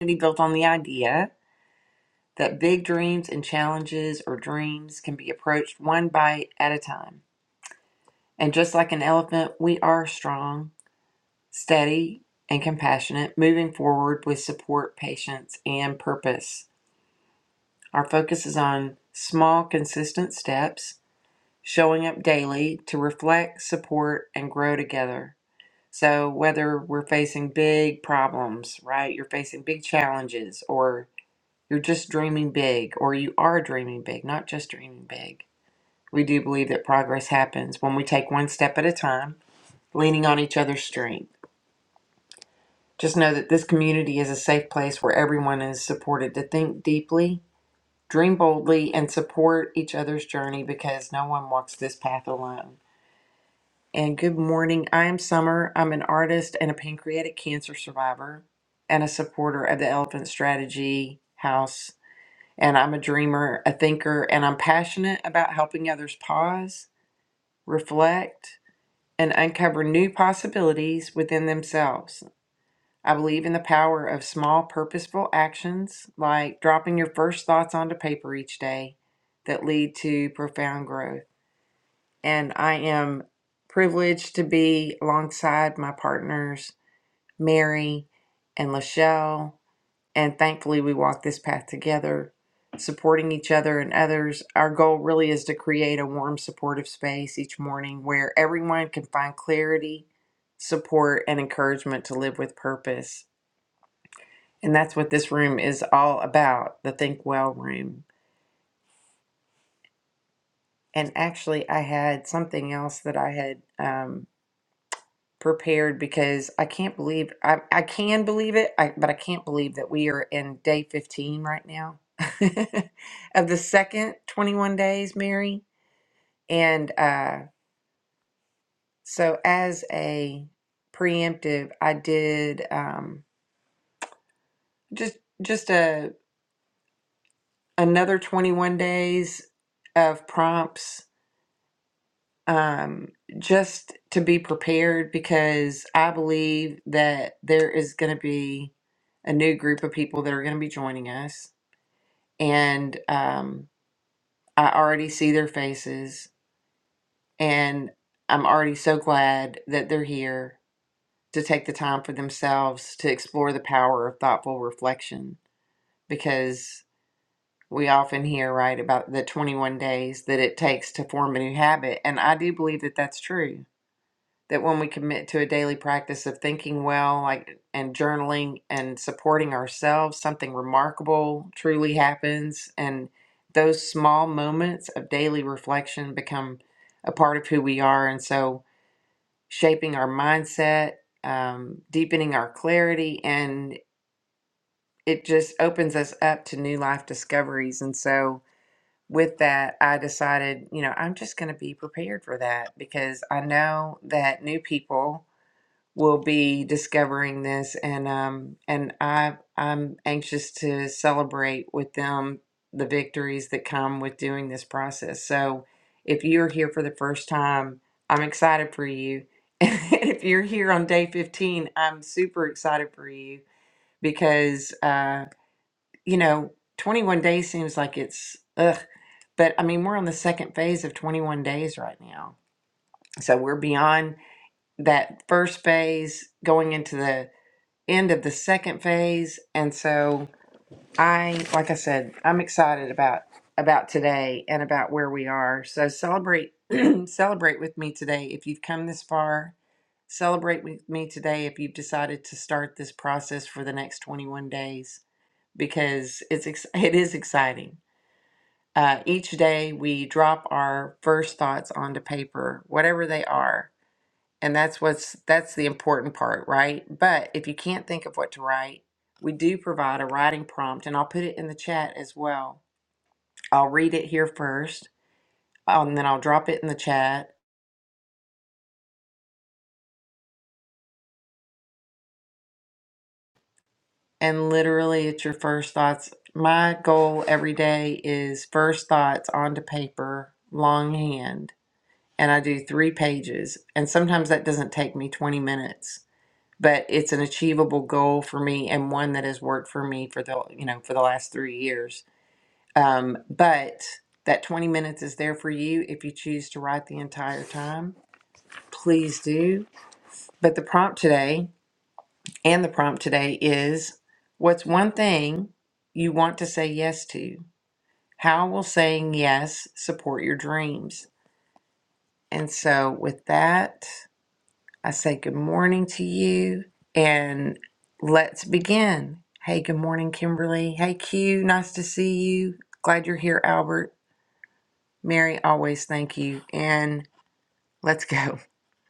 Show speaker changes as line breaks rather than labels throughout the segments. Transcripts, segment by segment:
community built on the idea that big dreams and challenges or dreams can be approached one bite at a time. And just like an elephant, we are strong, steady, and compassionate, moving forward with support, patience, and purpose. Our focus is on small, consistent steps, showing up daily to reflect, support, and grow together. So, whether we're facing big problems, right? You're facing big challenges, or You're just dreaming big, or you are dreaming big, not just dreaming big. We do believe that progress happens when we take one step at a time, leaning on each other's strength. Just know that this community is a safe place where everyone is supported to think deeply, dream boldly, and support each other's journey because no one walks this path alone. And good morning. I'm Summer. I'm an artist and a pancreatic cancer survivor and a supporter of the Elephant Strategy House and I'm a dreamer, a thinker, and I'm passionate about helping others pause, reflect, and uncover new possibilities within themselves. I believe in the power of small, purposeful actions like dropping your first thoughts onto paper each day that lead to profound growth. And I am privileged to be alongside my partners, Mary and Lachelle and thankfully, we walk this path together, supporting each other and others. Our goal really is to create a warm, supportive space each morning where everyone can find clarity, support, and encouragement to live with purpose. And that's what this room is all about the Think Well room. And actually, I had something else that I had. um, prepared because I can't believe I, I can believe it, I, but I can't believe that we are in day 15 right now of the second 21 days, Mary. And uh, so, as a preemptive, I did um, just just a another 21 days of prompts um, just to be prepared because I believe that there is going to be a new group of people that are going to be joining us. And um, I already see their faces, and I'm already so glad that they're here to take the time for themselves to explore the power of thoughtful reflection because we often hear right about the 21 days that it takes to form a new habit and i do believe that that's true that when we commit to a daily practice of thinking well like and journaling and supporting ourselves something remarkable truly happens and those small moments of daily reflection become a part of who we are and so shaping our mindset um, deepening our clarity and it just opens us up to new life discoveries and so with that, I decided, you know, I'm just going to be prepared for that because I know that new people will be discovering this and um and I I'm anxious to celebrate with them the victories that come with doing this process. So if you're here for the first time, I'm excited for you. And if you're here on day 15, I'm super excited for you because uh you know, 21 days seems like it's ugh, but I mean, we're on the second phase of 21 days right now. So we're beyond that first phase going into the end of the second phase and so i like i said i'm excited about about today and about where we are so celebrate celebrate with me today if you've come this far celebrate with me today if you've decided to start this process for the next 21 days because it's ex- it is exciting uh, each day we drop our first thoughts onto paper whatever they are and that's what's that's the important part, right? But if you can't think of what to write, we do provide a writing prompt and I'll put it in the chat as well. I'll read it here first, and then I'll drop it in the chat. And literally it's your first thoughts. My goal every day is first thoughts onto paper, longhand, and I do 3 pages. And sometimes that doesn't take me 20 minutes, but it's an achievable goal for me and one that has worked for me for the, you know, for the last 3 years Um, but that 20 minutes is there for you if you choose to write the entire time. Please do. But the prompt today and the prompt today is what's one thing you want to say yes to? How will saying yes support your dreams? And so, with that, I say good morning to you and let's begin. Hey, good morning, Kimberly. Hey, Q. Nice to see you. Glad you're here, Albert. Mary, always thank you. And let's go.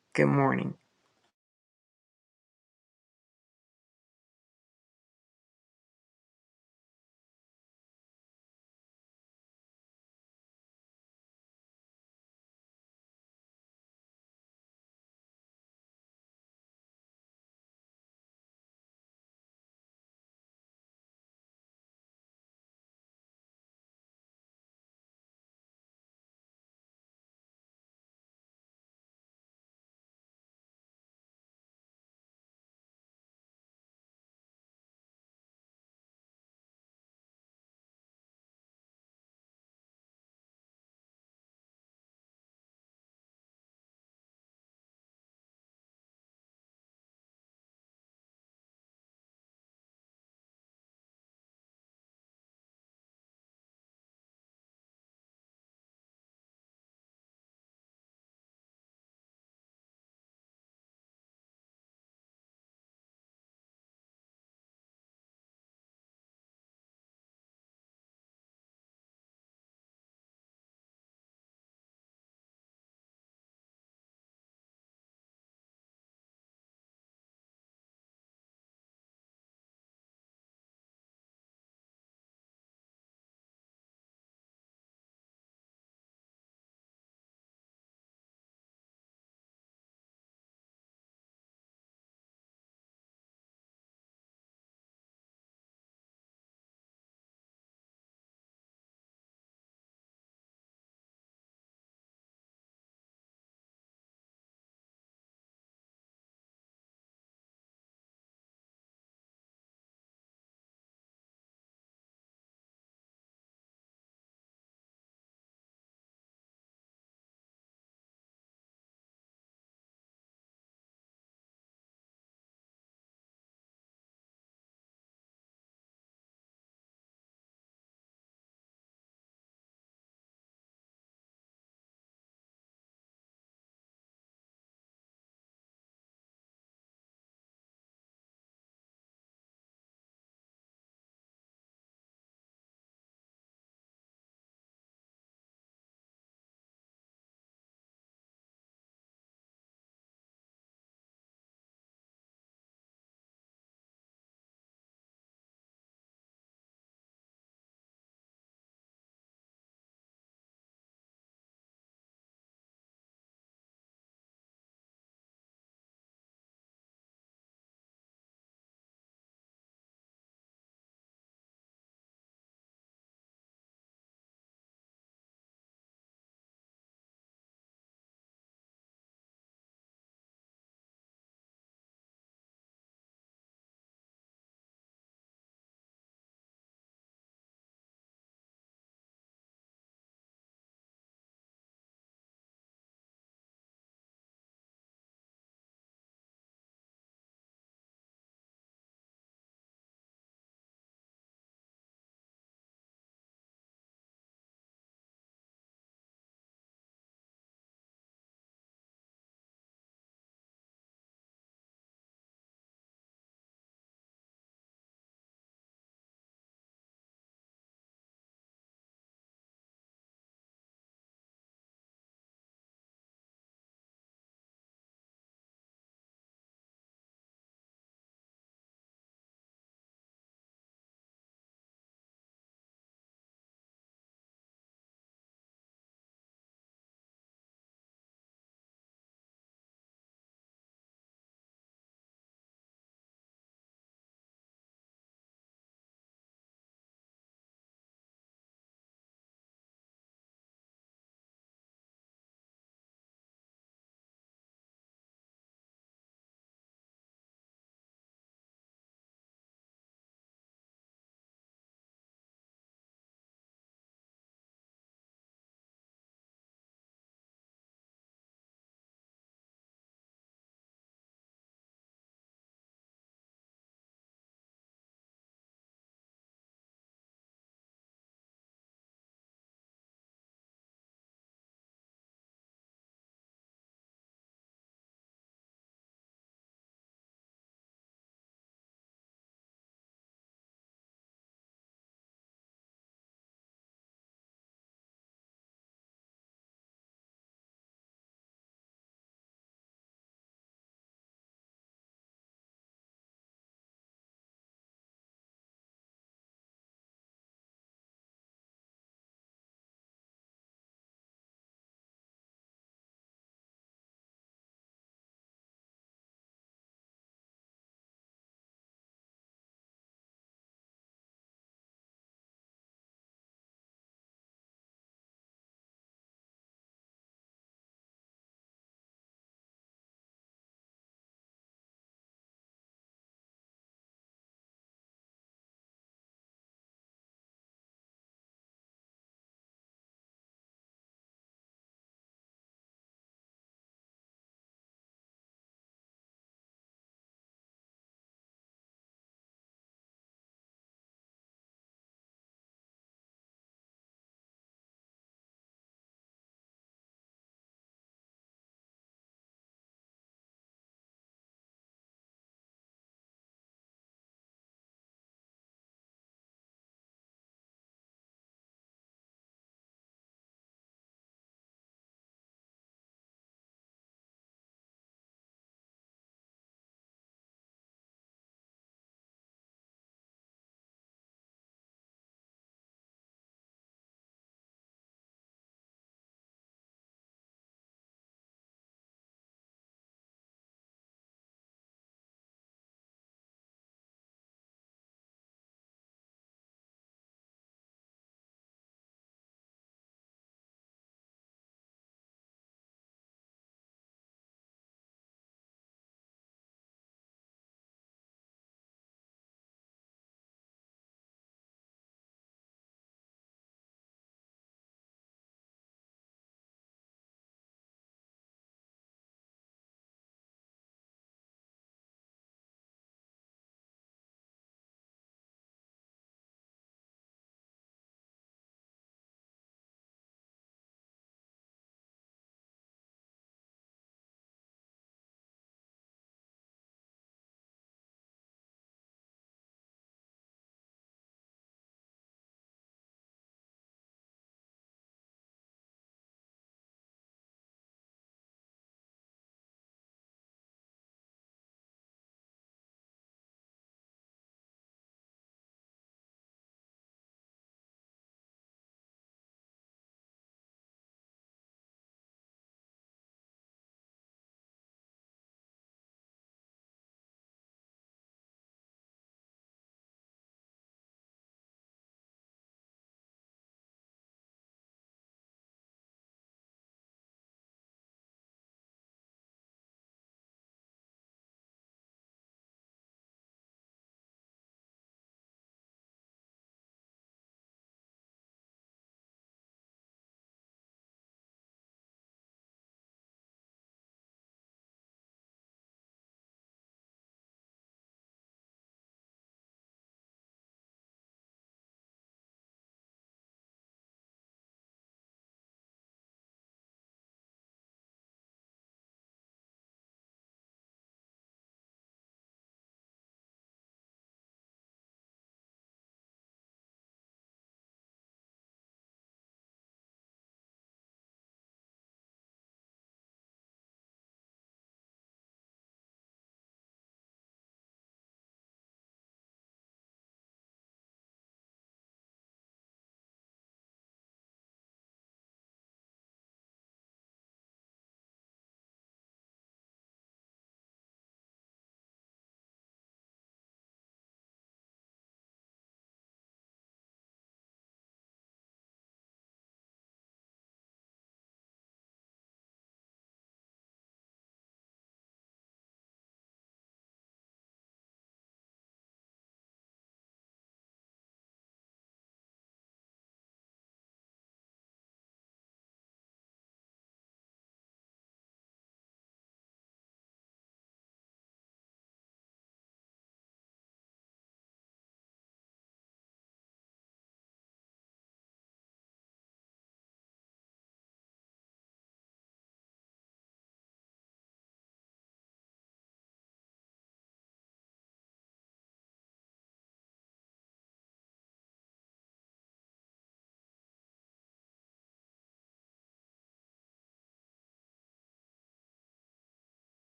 Good morning.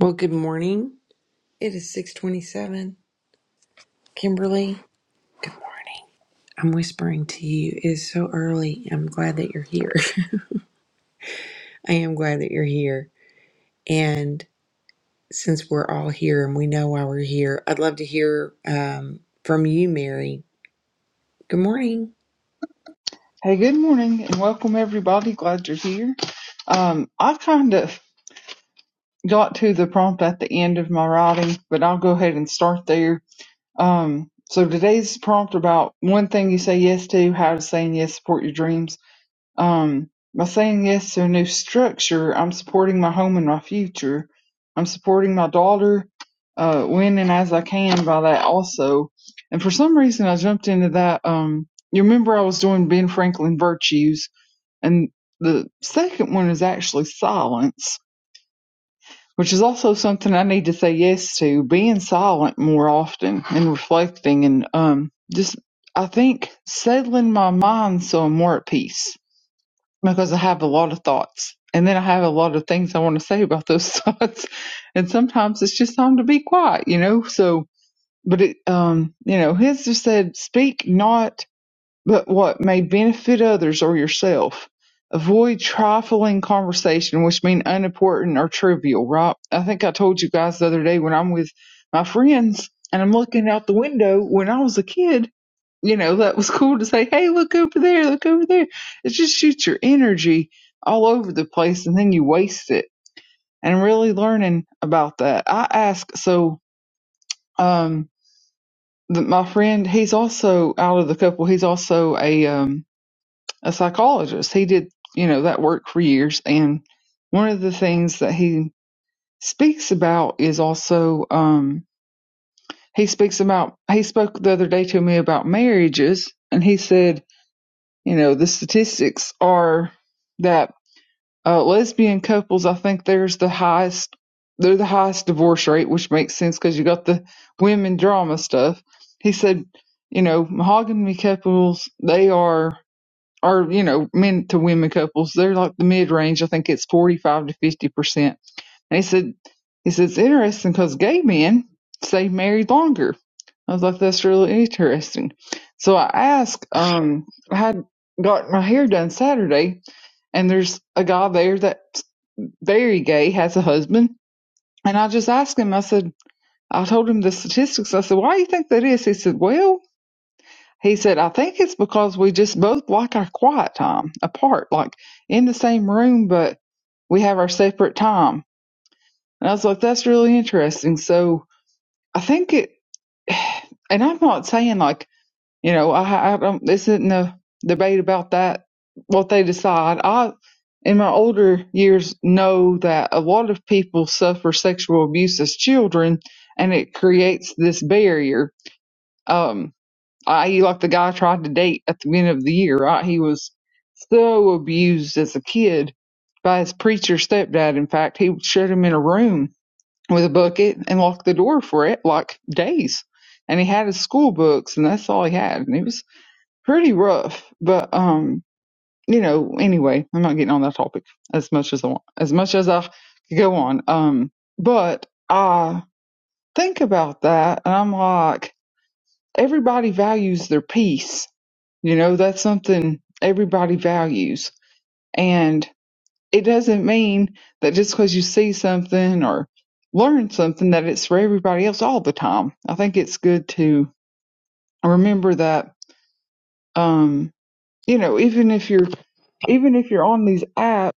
Well, good morning. It is 627. Kimberly, good morning. I'm whispering to you. It is so early. I'm glad that you're here. I am glad that you're here. And since we're all here and we know why we're here, I'd love to hear um, from you, Mary. Good morning.
Hey, good morning and welcome everybody. Glad you're here. Um, I kind of got to the prompt at the end of my writing, but I'll go ahead and start there. Um, so today's prompt about one thing you say yes to, how does saying yes support your dreams? Um, by saying yes to a new structure, I'm supporting my home and my future. I'm supporting my daughter, uh, when and as I can by that also. And for some reason I jumped into that, um, you remember I was doing Ben Franklin virtues and the second one is actually silence, which is also something I need to say yes to, being silent more often and reflecting and um just I think settling my mind so I'm more at peace because I have a lot of thoughts. And then I have a lot of things I want to say about those thoughts. And sometimes it's just time to be quiet, you know? So but it um, you know, his just said, Speak not but what may benefit others or yourself. Avoid trifling conversation, which mean unimportant or trivial, right? I think I told you guys the other day when I'm with my friends and I'm looking out the window when I was a kid, you know, that was cool to say, hey, look over there, look over there. It just shoots your energy all over the place and then you waste it. And really learning about that. I ask, so, um, the, my friend, he's also out of the couple, he's also a, um, a psychologist. He did, you know, that work for years. And one of the things that he speaks about is also um, he speaks about he spoke the other day to me about marriages, and he said, you know, the statistics are that uh, lesbian couples, I think, there's the highest. They're the highest divorce rate, which makes sense because you got the women drama stuff. He said, you know, mahogany couples, they are or you know men to women couples they're like the mid range i think it's 45 to 50 percent and he said he said it's interesting because gay men stay married longer i was like that's really interesting so i asked um i had got my hair done saturday and there's a guy there that's very gay has a husband and i just asked him i said i told him the statistics i said why do you think that is he said well he said, I think it's because we just both like our quiet time apart, like in the same room, but we have our separate time. And I was like, that's really interesting. So I think it, and I'm not saying like, you know, I, I don't, this isn't a debate about that, what they decide. I, in my older years, know that a lot of people suffer sexual abuse as children and it creates this barrier. Um, i.e., like the guy I tried to date at the beginning of the year, right? He was so abused as a kid by his preacher stepdad. In fact, he shut him in a room with a bucket and locked the door for it, like days. And he had his school books, and that's all he had. And it was pretty rough. But um, you know, anyway, I'm not getting on that topic as much as I want, as much as I could go on. Um, but I think about that, and I'm like, everybody values their peace you know, that's something everybody values. And it doesn't mean that just because you see something or learn something that it's for everybody else all the time. I think it's good to remember that um you know, even if you're even if you're on these apps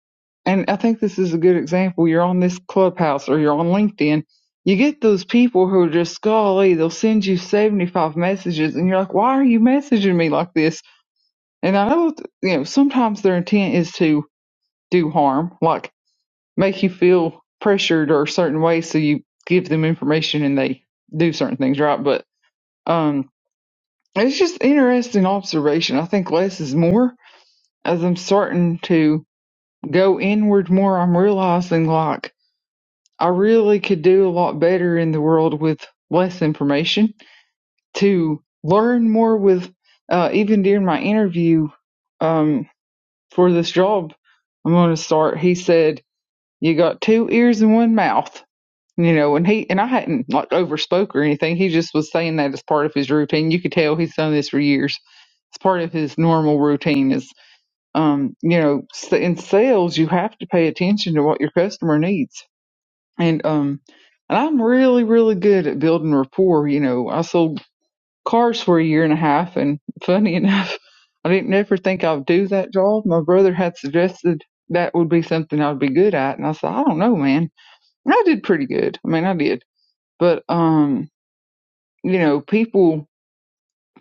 and I think this is a good example, you're on this clubhouse or you're on LinkedIn, you get those people who are just golly, they'll send you seventy five messages and you're like, Why are you messaging me like this? And I know, that, you know, sometimes their intent is to do harm, like make you feel pressured or a certain way, so you give them information and they do certain things, right? But um, it's just interesting observation. I think less is more. As I'm starting to go inward more, I'm realizing like I really could do a lot better in the world with less information to learn more with. Uh, even during my interview, um, for this job I'm going to start. He said, you got two ears and one mouth, you know, and he, and I hadn't like overspoke or anything. He just was saying that as part of his routine. You could tell he's done this for years. It's part of his normal routine is, um, you know, s- in sales, you have to pay attention to what your customer needs. And, um, and I'm really, really good at building rapport. You know, I sold cars for a year and a half and funny enough, I didn't ever think I'd do that job. My brother had suggested that would be something I'd be good at, and I said, I don't know, man. And I did pretty good. I mean, I did, but um, you know, people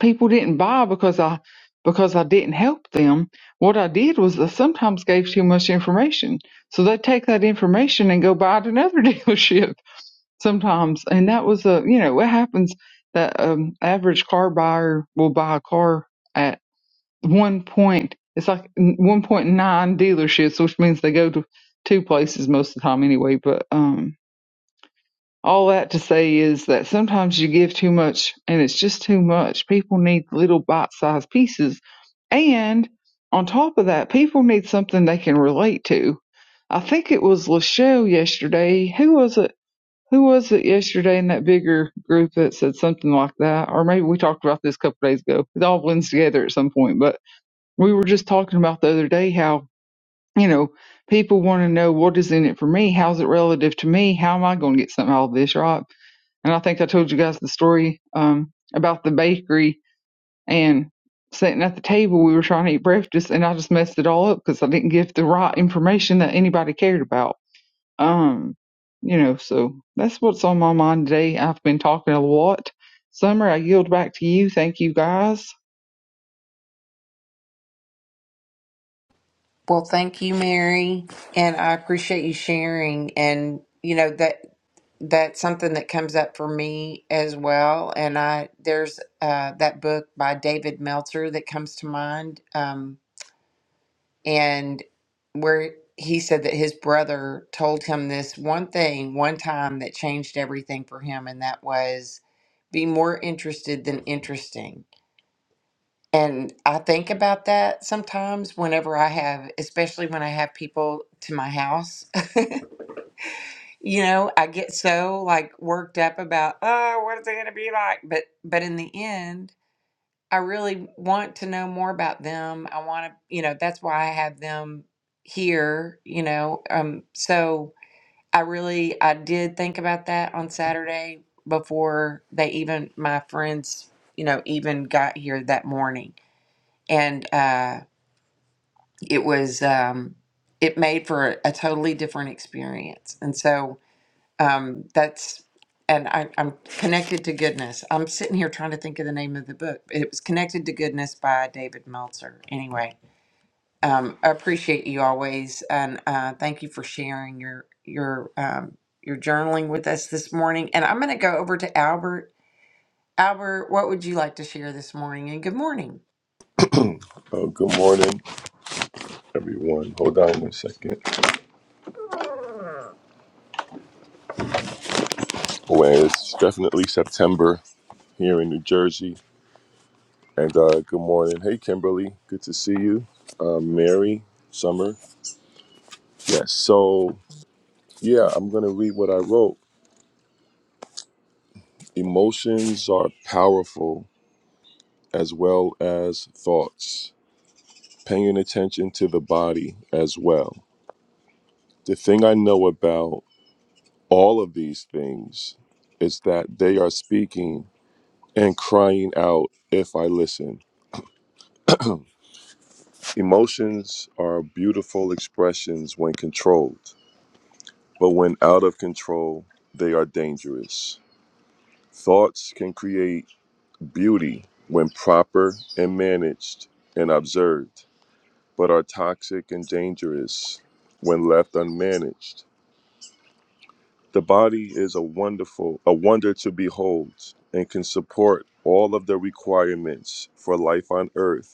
people didn't buy because I because I didn't help them. What I did was I sometimes gave too much information, so they take that information and go buy at another dealership sometimes, and that was a you know it happens that um average car buyer will buy a car. at one point it's like one point nine dealerships, which means they go to two places most of the time anyway. But um, all that to say is that sometimes you give too much, and it's just too much. People need little bite-sized pieces, and on top of that, people need something they can relate to. I think it was Lachelle yesterday. Who was it? Who was it yesterday in that bigger group that said something like that? Or maybe we talked about this a couple days ago. It all blends together at some point, but we were just talking about the other day how you know people want to know what is in it for me how's it relative to me how am i going to get something out of this right and i think i told you guys the story um about the bakery and sitting at the table we were trying to eat breakfast and i just messed it all up because i didn't give the right information that anybody cared about um you know so that's what's on my mind today i've been talking a lot summer i yield back to you thank you guys
Well, thank you, Mary. And I appreciate you sharing. And, you know, that. that's something that comes up for me as well. And I there's uh, that book by David Meltzer that comes to mind, um, and where he said that his brother told him this one thing one time that changed everything for him, and that was be more interested than interesting. And I think about that sometimes whenever I have, especially when I have people to my house You know, I get so like worked up about, oh, what is it going to be like? But but in the end, I really want to know more about them. I want to, you know, that's why I have them here, you know. Um so I really I did think about that on Saturday before they even my friends, you know, even got here that morning. And uh it was um it made for a, a totally different experience. And so um, that's and I, I'm connected to goodness. I'm sitting here trying to think of the name of the book. It was connected to goodness by David Meltzer. Anyway, um, I appreciate you always, and uh, thank you for sharing your your um, your journaling with us this morning. And I'm going to go over to Albert. Albert, what would you like to share this morning? And good morning.
Oh, good morning, everyone. Hold on one second. Well, it's definitely September here in New Jersey. And uh, good morning. Hey, Kimberly. Good to see you. Uh, Mary, Summer. Yes. So, yeah, I'm going to read what I wrote. Emotions are powerful as well as thoughts, paying attention to the body as well. The thing I know about all of these things is that they are speaking and crying out if I listen. Emotions are beautiful expressions when controlled, but when out of control, they are dangerous. Thoughts can create beauty when proper and managed and observed, but are toxic and dangerous when left unmanaged. The body is a wonderful, a wonder to behold, and can support all of the requirements for life on earth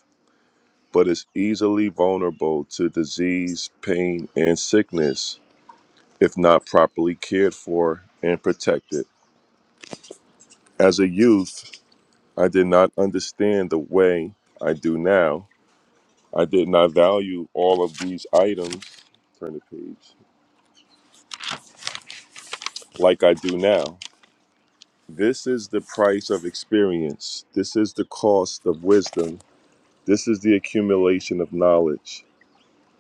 but is easily vulnerable to disease, pain, and sickness if not properly cared for and protected. As a youth, I did not understand the way I do now. I did not value all of these items, turn the page, like I do now. This is the price of experience. This is the cost of wisdom. This is the accumulation of knowledge.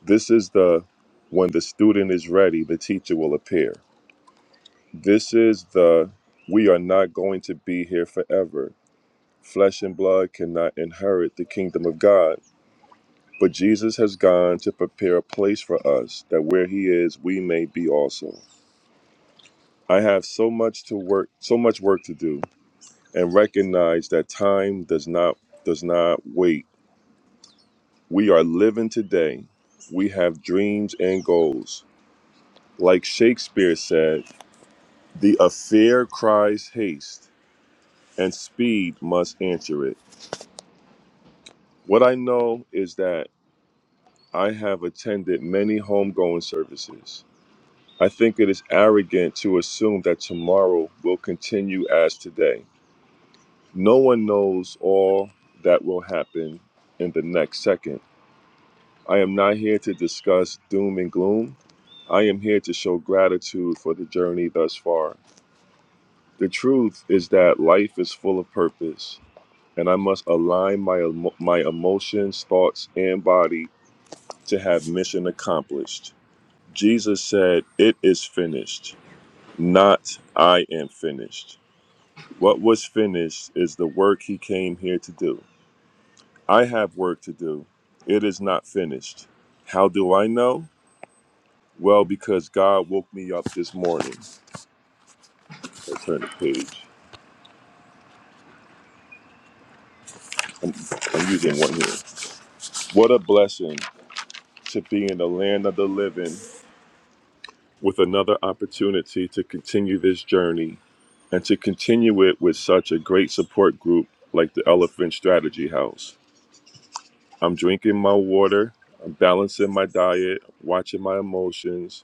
This is the when the student is ready, the teacher will appear. This is the we are not going to be here forever. Flesh and blood cannot inherit the kingdom of God. But Jesus has gone to prepare a place for us that where he is, we may be also. I have so much to work, so much work to do, and recognize that time does not does not wait. We are living today. We have dreams and goals. Like Shakespeare said, the affair cries haste, and speed must answer it. What I know is that I have attended many homegoing services. I think it is arrogant to assume that tomorrow will continue as today. No one knows all that will happen in the next second. I am not here to discuss doom and gloom. I am here to show gratitude for the journey thus far. The truth is that life is full of purpose, and I must align my, emo- my emotions, thoughts, and body to have mission accomplished. Jesus said, It is finished, not I am finished. What was finished is the work he came here to do. I have work to do. It is not finished. How do I know? Well, because God woke me up this morning. I turn the page. I'm using one here. What a blessing to be in the land of the living with another opportunity to continue this journey and to continue it with such a great support group like the Elephant Strategy House. I'm drinking my water. I'm balancing my diet, watching my emotions,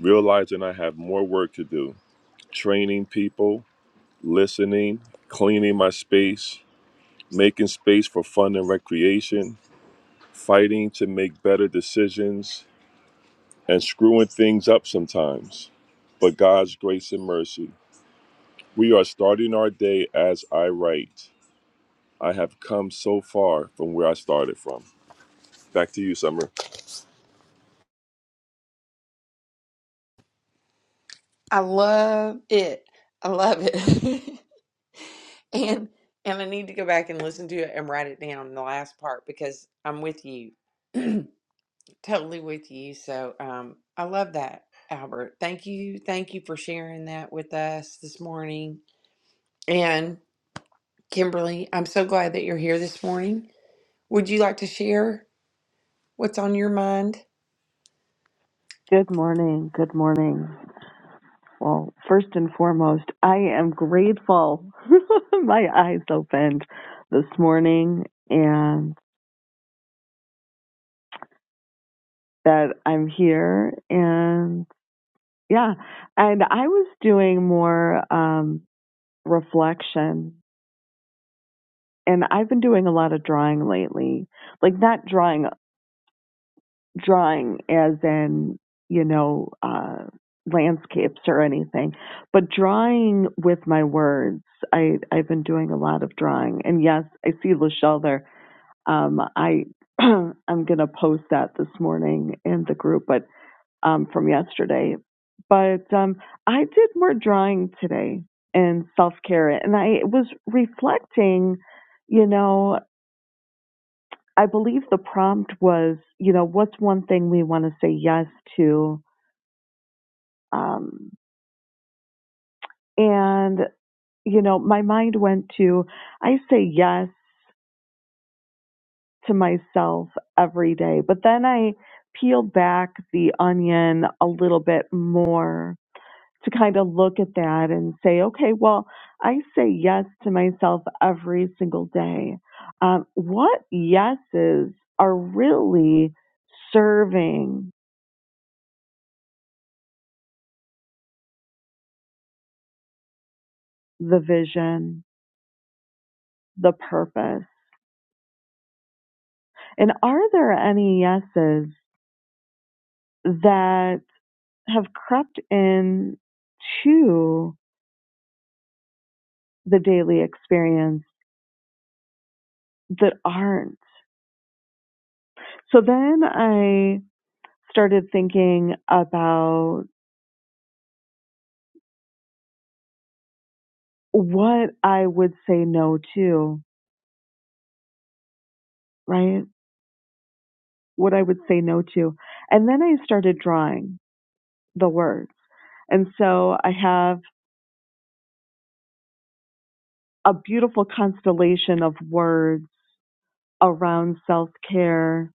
realizing I have more work to do. Training people, listening, cleaning my space, making space for fun and recreation, fighting to make better decisions, and screwing things up sometimes. But God's grace and mercy. We are starting our day as I write. I have come so far from where I started from. Back to you, Summer.
I love it. I love it. and and I need to go back and listen to it and write it down in the last part because I'm with you. totally with you. So um I love that, Albert. Thank you. Thank you for sharing that with us this morning. And Kimberly, I'm so glad that you're here this morning. Would you like to share what's on your mind?
Good morning. Good morning. Well, first and foremost, I am grateful my eyes opened this morning and that I'm here. And yeah, and I was doing more um, reflection and I've been doing a lot of drawing lately, like not drawing drawing as in, you know, uh, landscapes or anything, but drawing with my words. I, I've been doing a lot of drawing. And yes, I see Lachelle there. Um, I, I'm going to post that this morning in the group, but um, from yesterday. But um, I did more drawing today and self care. And I was reflecting, you know, I believe the prompt was, you know, what's one thing we want to say yes to? Um, and, you know, my mind went to, I say yes to myself every day. But then I peeled back the onion a little bit more to kind of look at that and say, okay, well, I say yes to myself every single day. Um, what yeses are really serving the vision? the purpose. And are there any yeses that have crept in to the daily experience that aren't? So then I started thinking about what I would say no to, right? What I would say no to. And then I started drawing the words. And so I have a beautiful constellation of words around self care,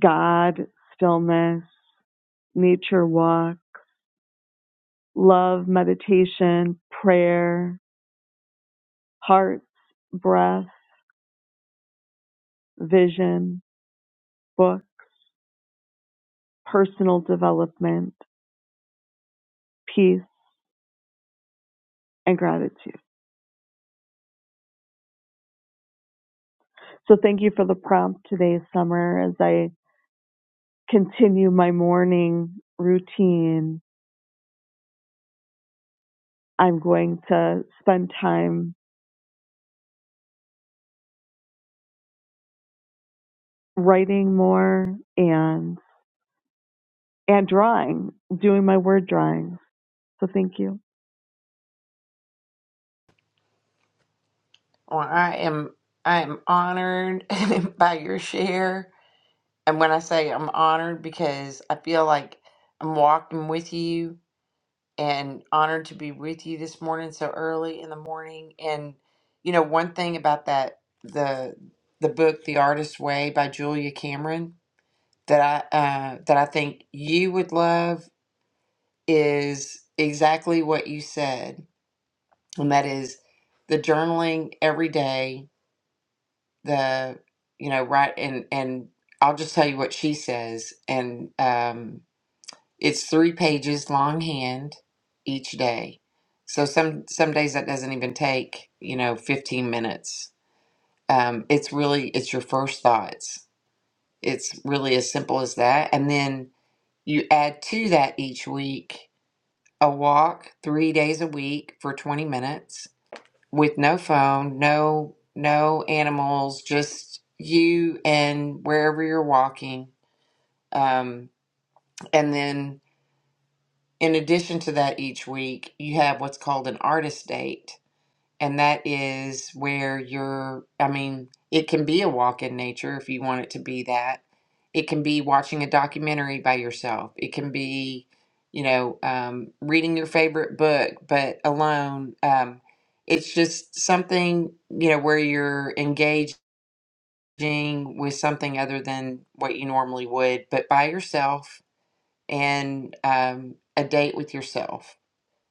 God, stillness, nature walk, love, meditation, prayer, heart, breath, vision, book, personal development, peace, and gratitude. So thank you for the prompt today, Summer. As I continue my morning routine, I'm going to spend time writing more and and drawing, doing my word drawings. So thank you.
Well, I am I am honored by your share. And when I say I'm honored because I feel like I'm walking with you and honored to be with you this morning so early in the morning and you know one thing about that the the book the artist's way by julia cameron that i uh, that i think you would love is exactly what you said and that is the journaling every day the you know right and and i'll just tell you what she says and um. It's three pages longhand each day. So some some days that doesn't even take, you know, 15 minutes. Um, it's really it's your first thoughts. It's really as simple as that. And then you add to that each week a walk three days a week for 20 minutes with no phone, no no animals, just you and wherever you're walking. Um, and then In addition to that, each week you have what's called an artist date, and that is where you're, I mean, it can be a walk in nature if you want it to be that. It can be watching a documentary by yourself. It can be, you know, um, reading your favorite book, but alone. Um, it's just something, you know, where you're engaging with something other than what you normally would, but by yourself and um, a date with yourself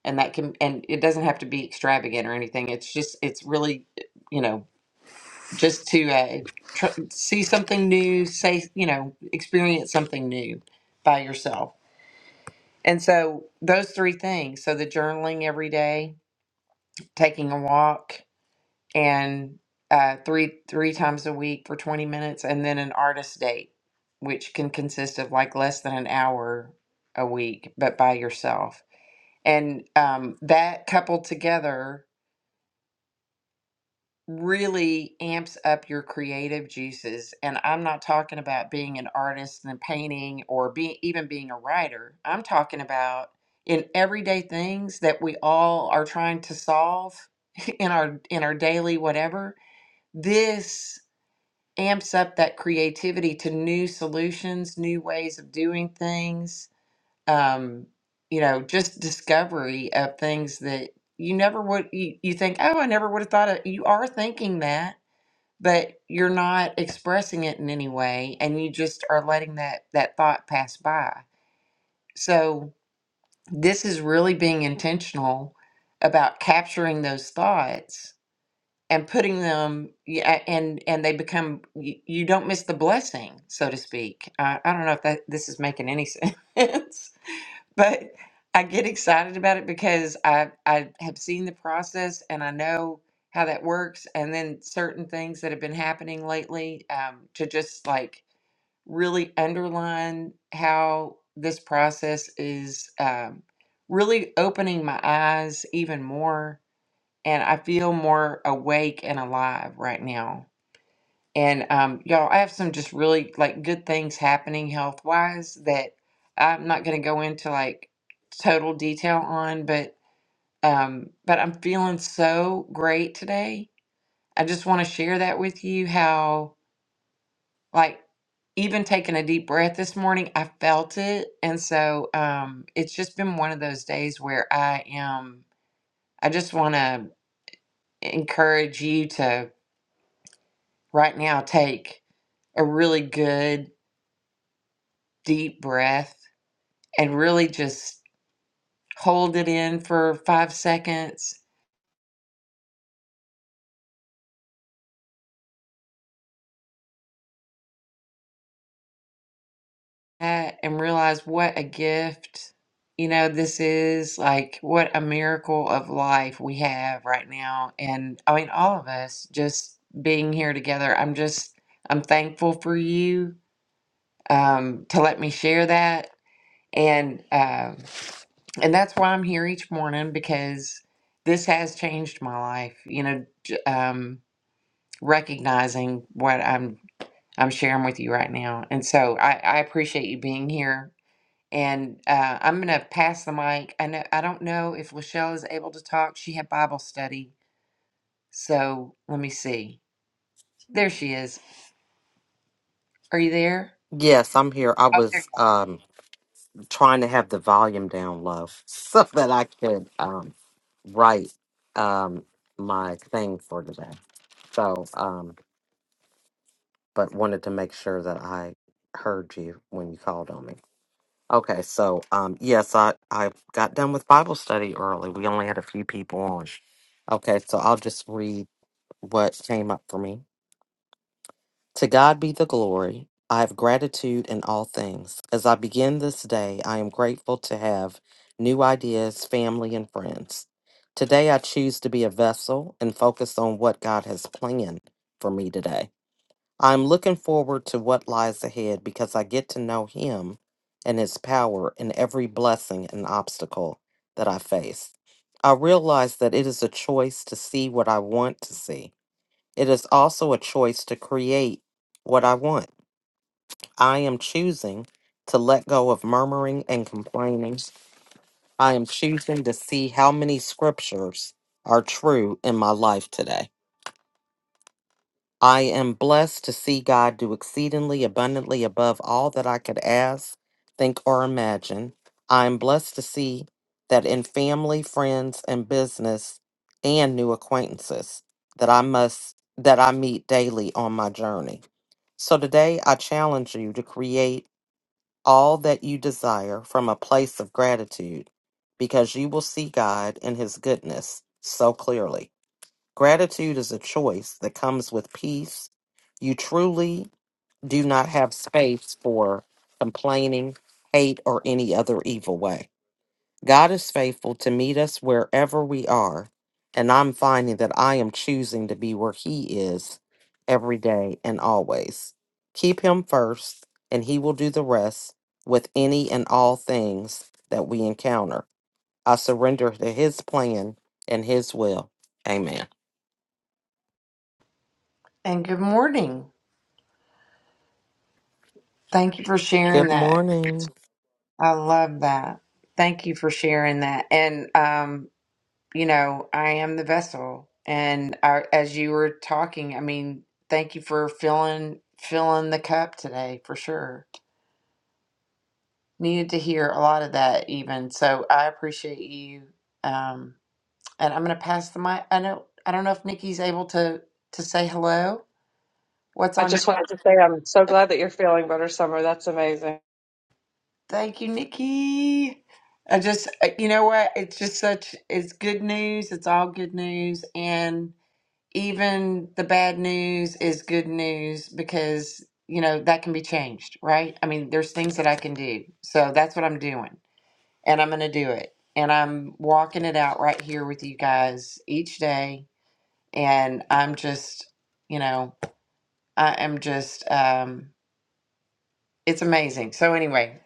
and that can and it doesn't have to be extravagant or anything it's just it's really eh, you know just to uh, tr- see something new say you know experience something new by yourself and so those three things so the journaling every day taking a walk and uh, three three times a week for 20 minutes and then an artist date which can consist of like less than an hour a week but by yourself and um, that coupled together really amps up your creative juices. And I'm not talking about being an artist and painting or being even being a writer. I'm talking about in everyday things that we all are trying to solve in our in our daily whatever. This amps up that creativity to new solutions, new ways of doing things. Um, you know, just discovery of things that you never would you, you think, oh, I never would have thought of. You are thinking that but you're not expressing it in any way and you just are letting that that thought pass by so this is really being intentional about capturing those thoughts and putting them yeah, and and they become you, you don't miss the blessing so to speak i, I don't know if that this is making any sense but I get excited about it because I I have seen the process and I know how that works. And then certain things that have been happening lately um, to just like really underline how this process is um, really opening my eyes even more. And I feel more awake and alive right now and um, y'all, I have some just really like good things happening health wise that I'm not going to go into like total detail on, but um, but I'm feeling so great today. I just want to share that with you how like even taking a deep breath this morning, I felt it, and so um, it's just been one of those days where I am. I just want to encourage you to right now take a really good deep breath and really just hold it in for five seconds uh, and realize what a gift you know this is like what a miracle of life we have right now and i mean all of us just being here together i'm just i'm thankful for you um, to let me share that and um, and that's why i'm here each morning because this has changed my life you know j- um, recognizing what i'm I'm sharing with you right now. And so I, I appreciate you being here. And uh, I'm going to pass the mic. I know I don't know if Lachelle is able to talk. She had Bible study. So let me see. There she is. Are you there?
Yes, I'm here. I
Oh, there
was
you are.
um trying to have the volume down low so that I could um write um my thing for today. So um but wanted to make sure that I heard you when you called on me. Okay, so um yes, I I got done with Bible study early. We only had a few people on. Okay, so I'll just read what came up for me. To God be the glory. I have gratitude in all things. As I begin this day, I am grateful to have new ideas, family, and friends. Today, I choose to be a vessel and focus on what God has planned for me today. I'm looking forward to what lies ahead because I get to know Him and His power in every blessing and obstacle that I face. I realize that it is a choice to see what I want to see it is also a choice to create what I want. I am choosing to let go of murmuring and complaining. I am choosing to see how many scriptures are true in my life today. I am blessed to see God do exceedingly abundantly above all that I could ask, think, or imagine. I am blessed to see that in family, friends, and business and new acquaintances that I must that I meet daily on my journey. So today I challenge you to create all that you desire from a place of gratitude because you will see God and His goodness so clearly. Gratitude is a choice that comes with peace. You truly do not have space for complaining, hate, or any other evil way. God is faithful to meet us wherever we are, and I'm finding that I am choosing to be where He is every day and always. Keep Him first, and He will do the rest with any and all things that we encounter. I surrender to His plan and His will. Amen.
And good morning. Thank you for sharing
Good
that.
morning.
I love that. Thank you for sharing that. And, um, you know, I am the vessel. And I, as you were talking, I mean, thank you for filling filling the cup today for sure needed to hear a lot of that even. So I appreciate you. Um, and I'm going to pass the mic. I know I don't know if Nikki's able to to say hello. What's
I
on?
just wanted to say I'm so glad that you're feeling better, Summer. That's amazing.
Thank you, Nikki. I just uh, you know what? It's just such it's good news. It's all good news, and even the bad news is good news because you know that can be changed, right? I mean, there's things that I can do. So that's what I'm doing. and I'm going to do it. And I'm walking it out right here with you guys each day. And I'm just, you know, I am just, um, it's amazing. So anyway,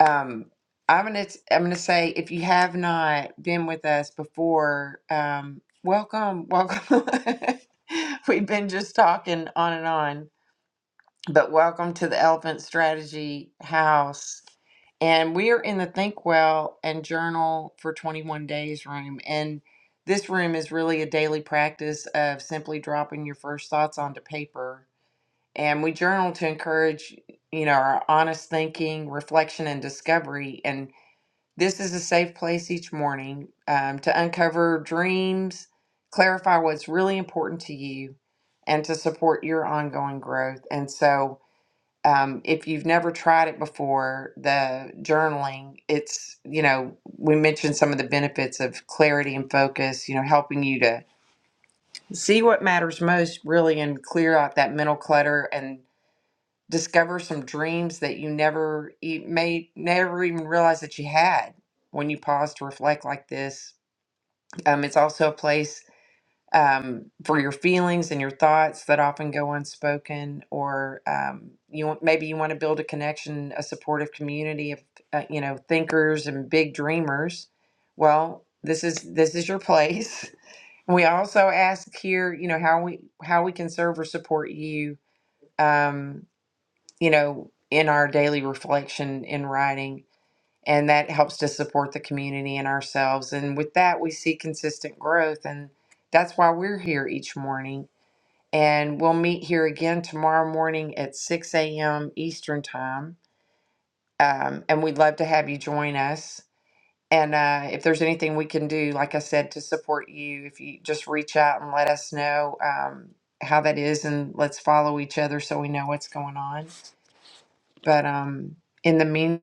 um, I'm gonna I'm gonna say if you have not been with us before, um, welcome, welcome. We've been just talking on and on but welcome to the Elephant Strategy House. And we are in the Think Well and Journal for 21 Days room. And this room is really a daily practice of simply dropping your first thoughts onto paper. And we journal to encourage, you know, our honest thinking, reflection, and discovery. And this is a safe place each morning um, to uncover dreams, clarify what's really important to you, and to support your ongoing growth. And so, um, if you've never tried it before, the journaling, it's, you know, we mentioned some of the benefits of clarity and focus, you know, helping you to see what matters most really and clear out that mental clutter and discover some dreams that you never e- may never even realize that you had when you pause to reflect like this. Um, it's also a place um, for your feelings and your thoughts that often go unspoken, or um, you want- maybe you want to build a connection, a supportive community of uh, you know thinkers and big dreamers. Well, this is this is your place. We also ask here, you know, how we how we can serve or support you, um, you know, in our daily reflection in writing and that helps to support the community and ourselves. And with that, we see consistent growth, and that's why we're here each morning. And we'll meet here again tomorrow morning at 6 a.m. Eastern Time. Um, and we'd love to have you join us. And uh, if there's anything we can do, like I said, to support you, if you just reach out and let us know um, how that is, and let's follow each other so we know what's going on. But um, in the meantime,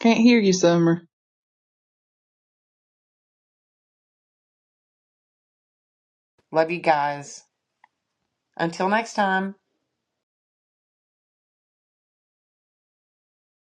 can't hear you summer
love you guys. Until next time.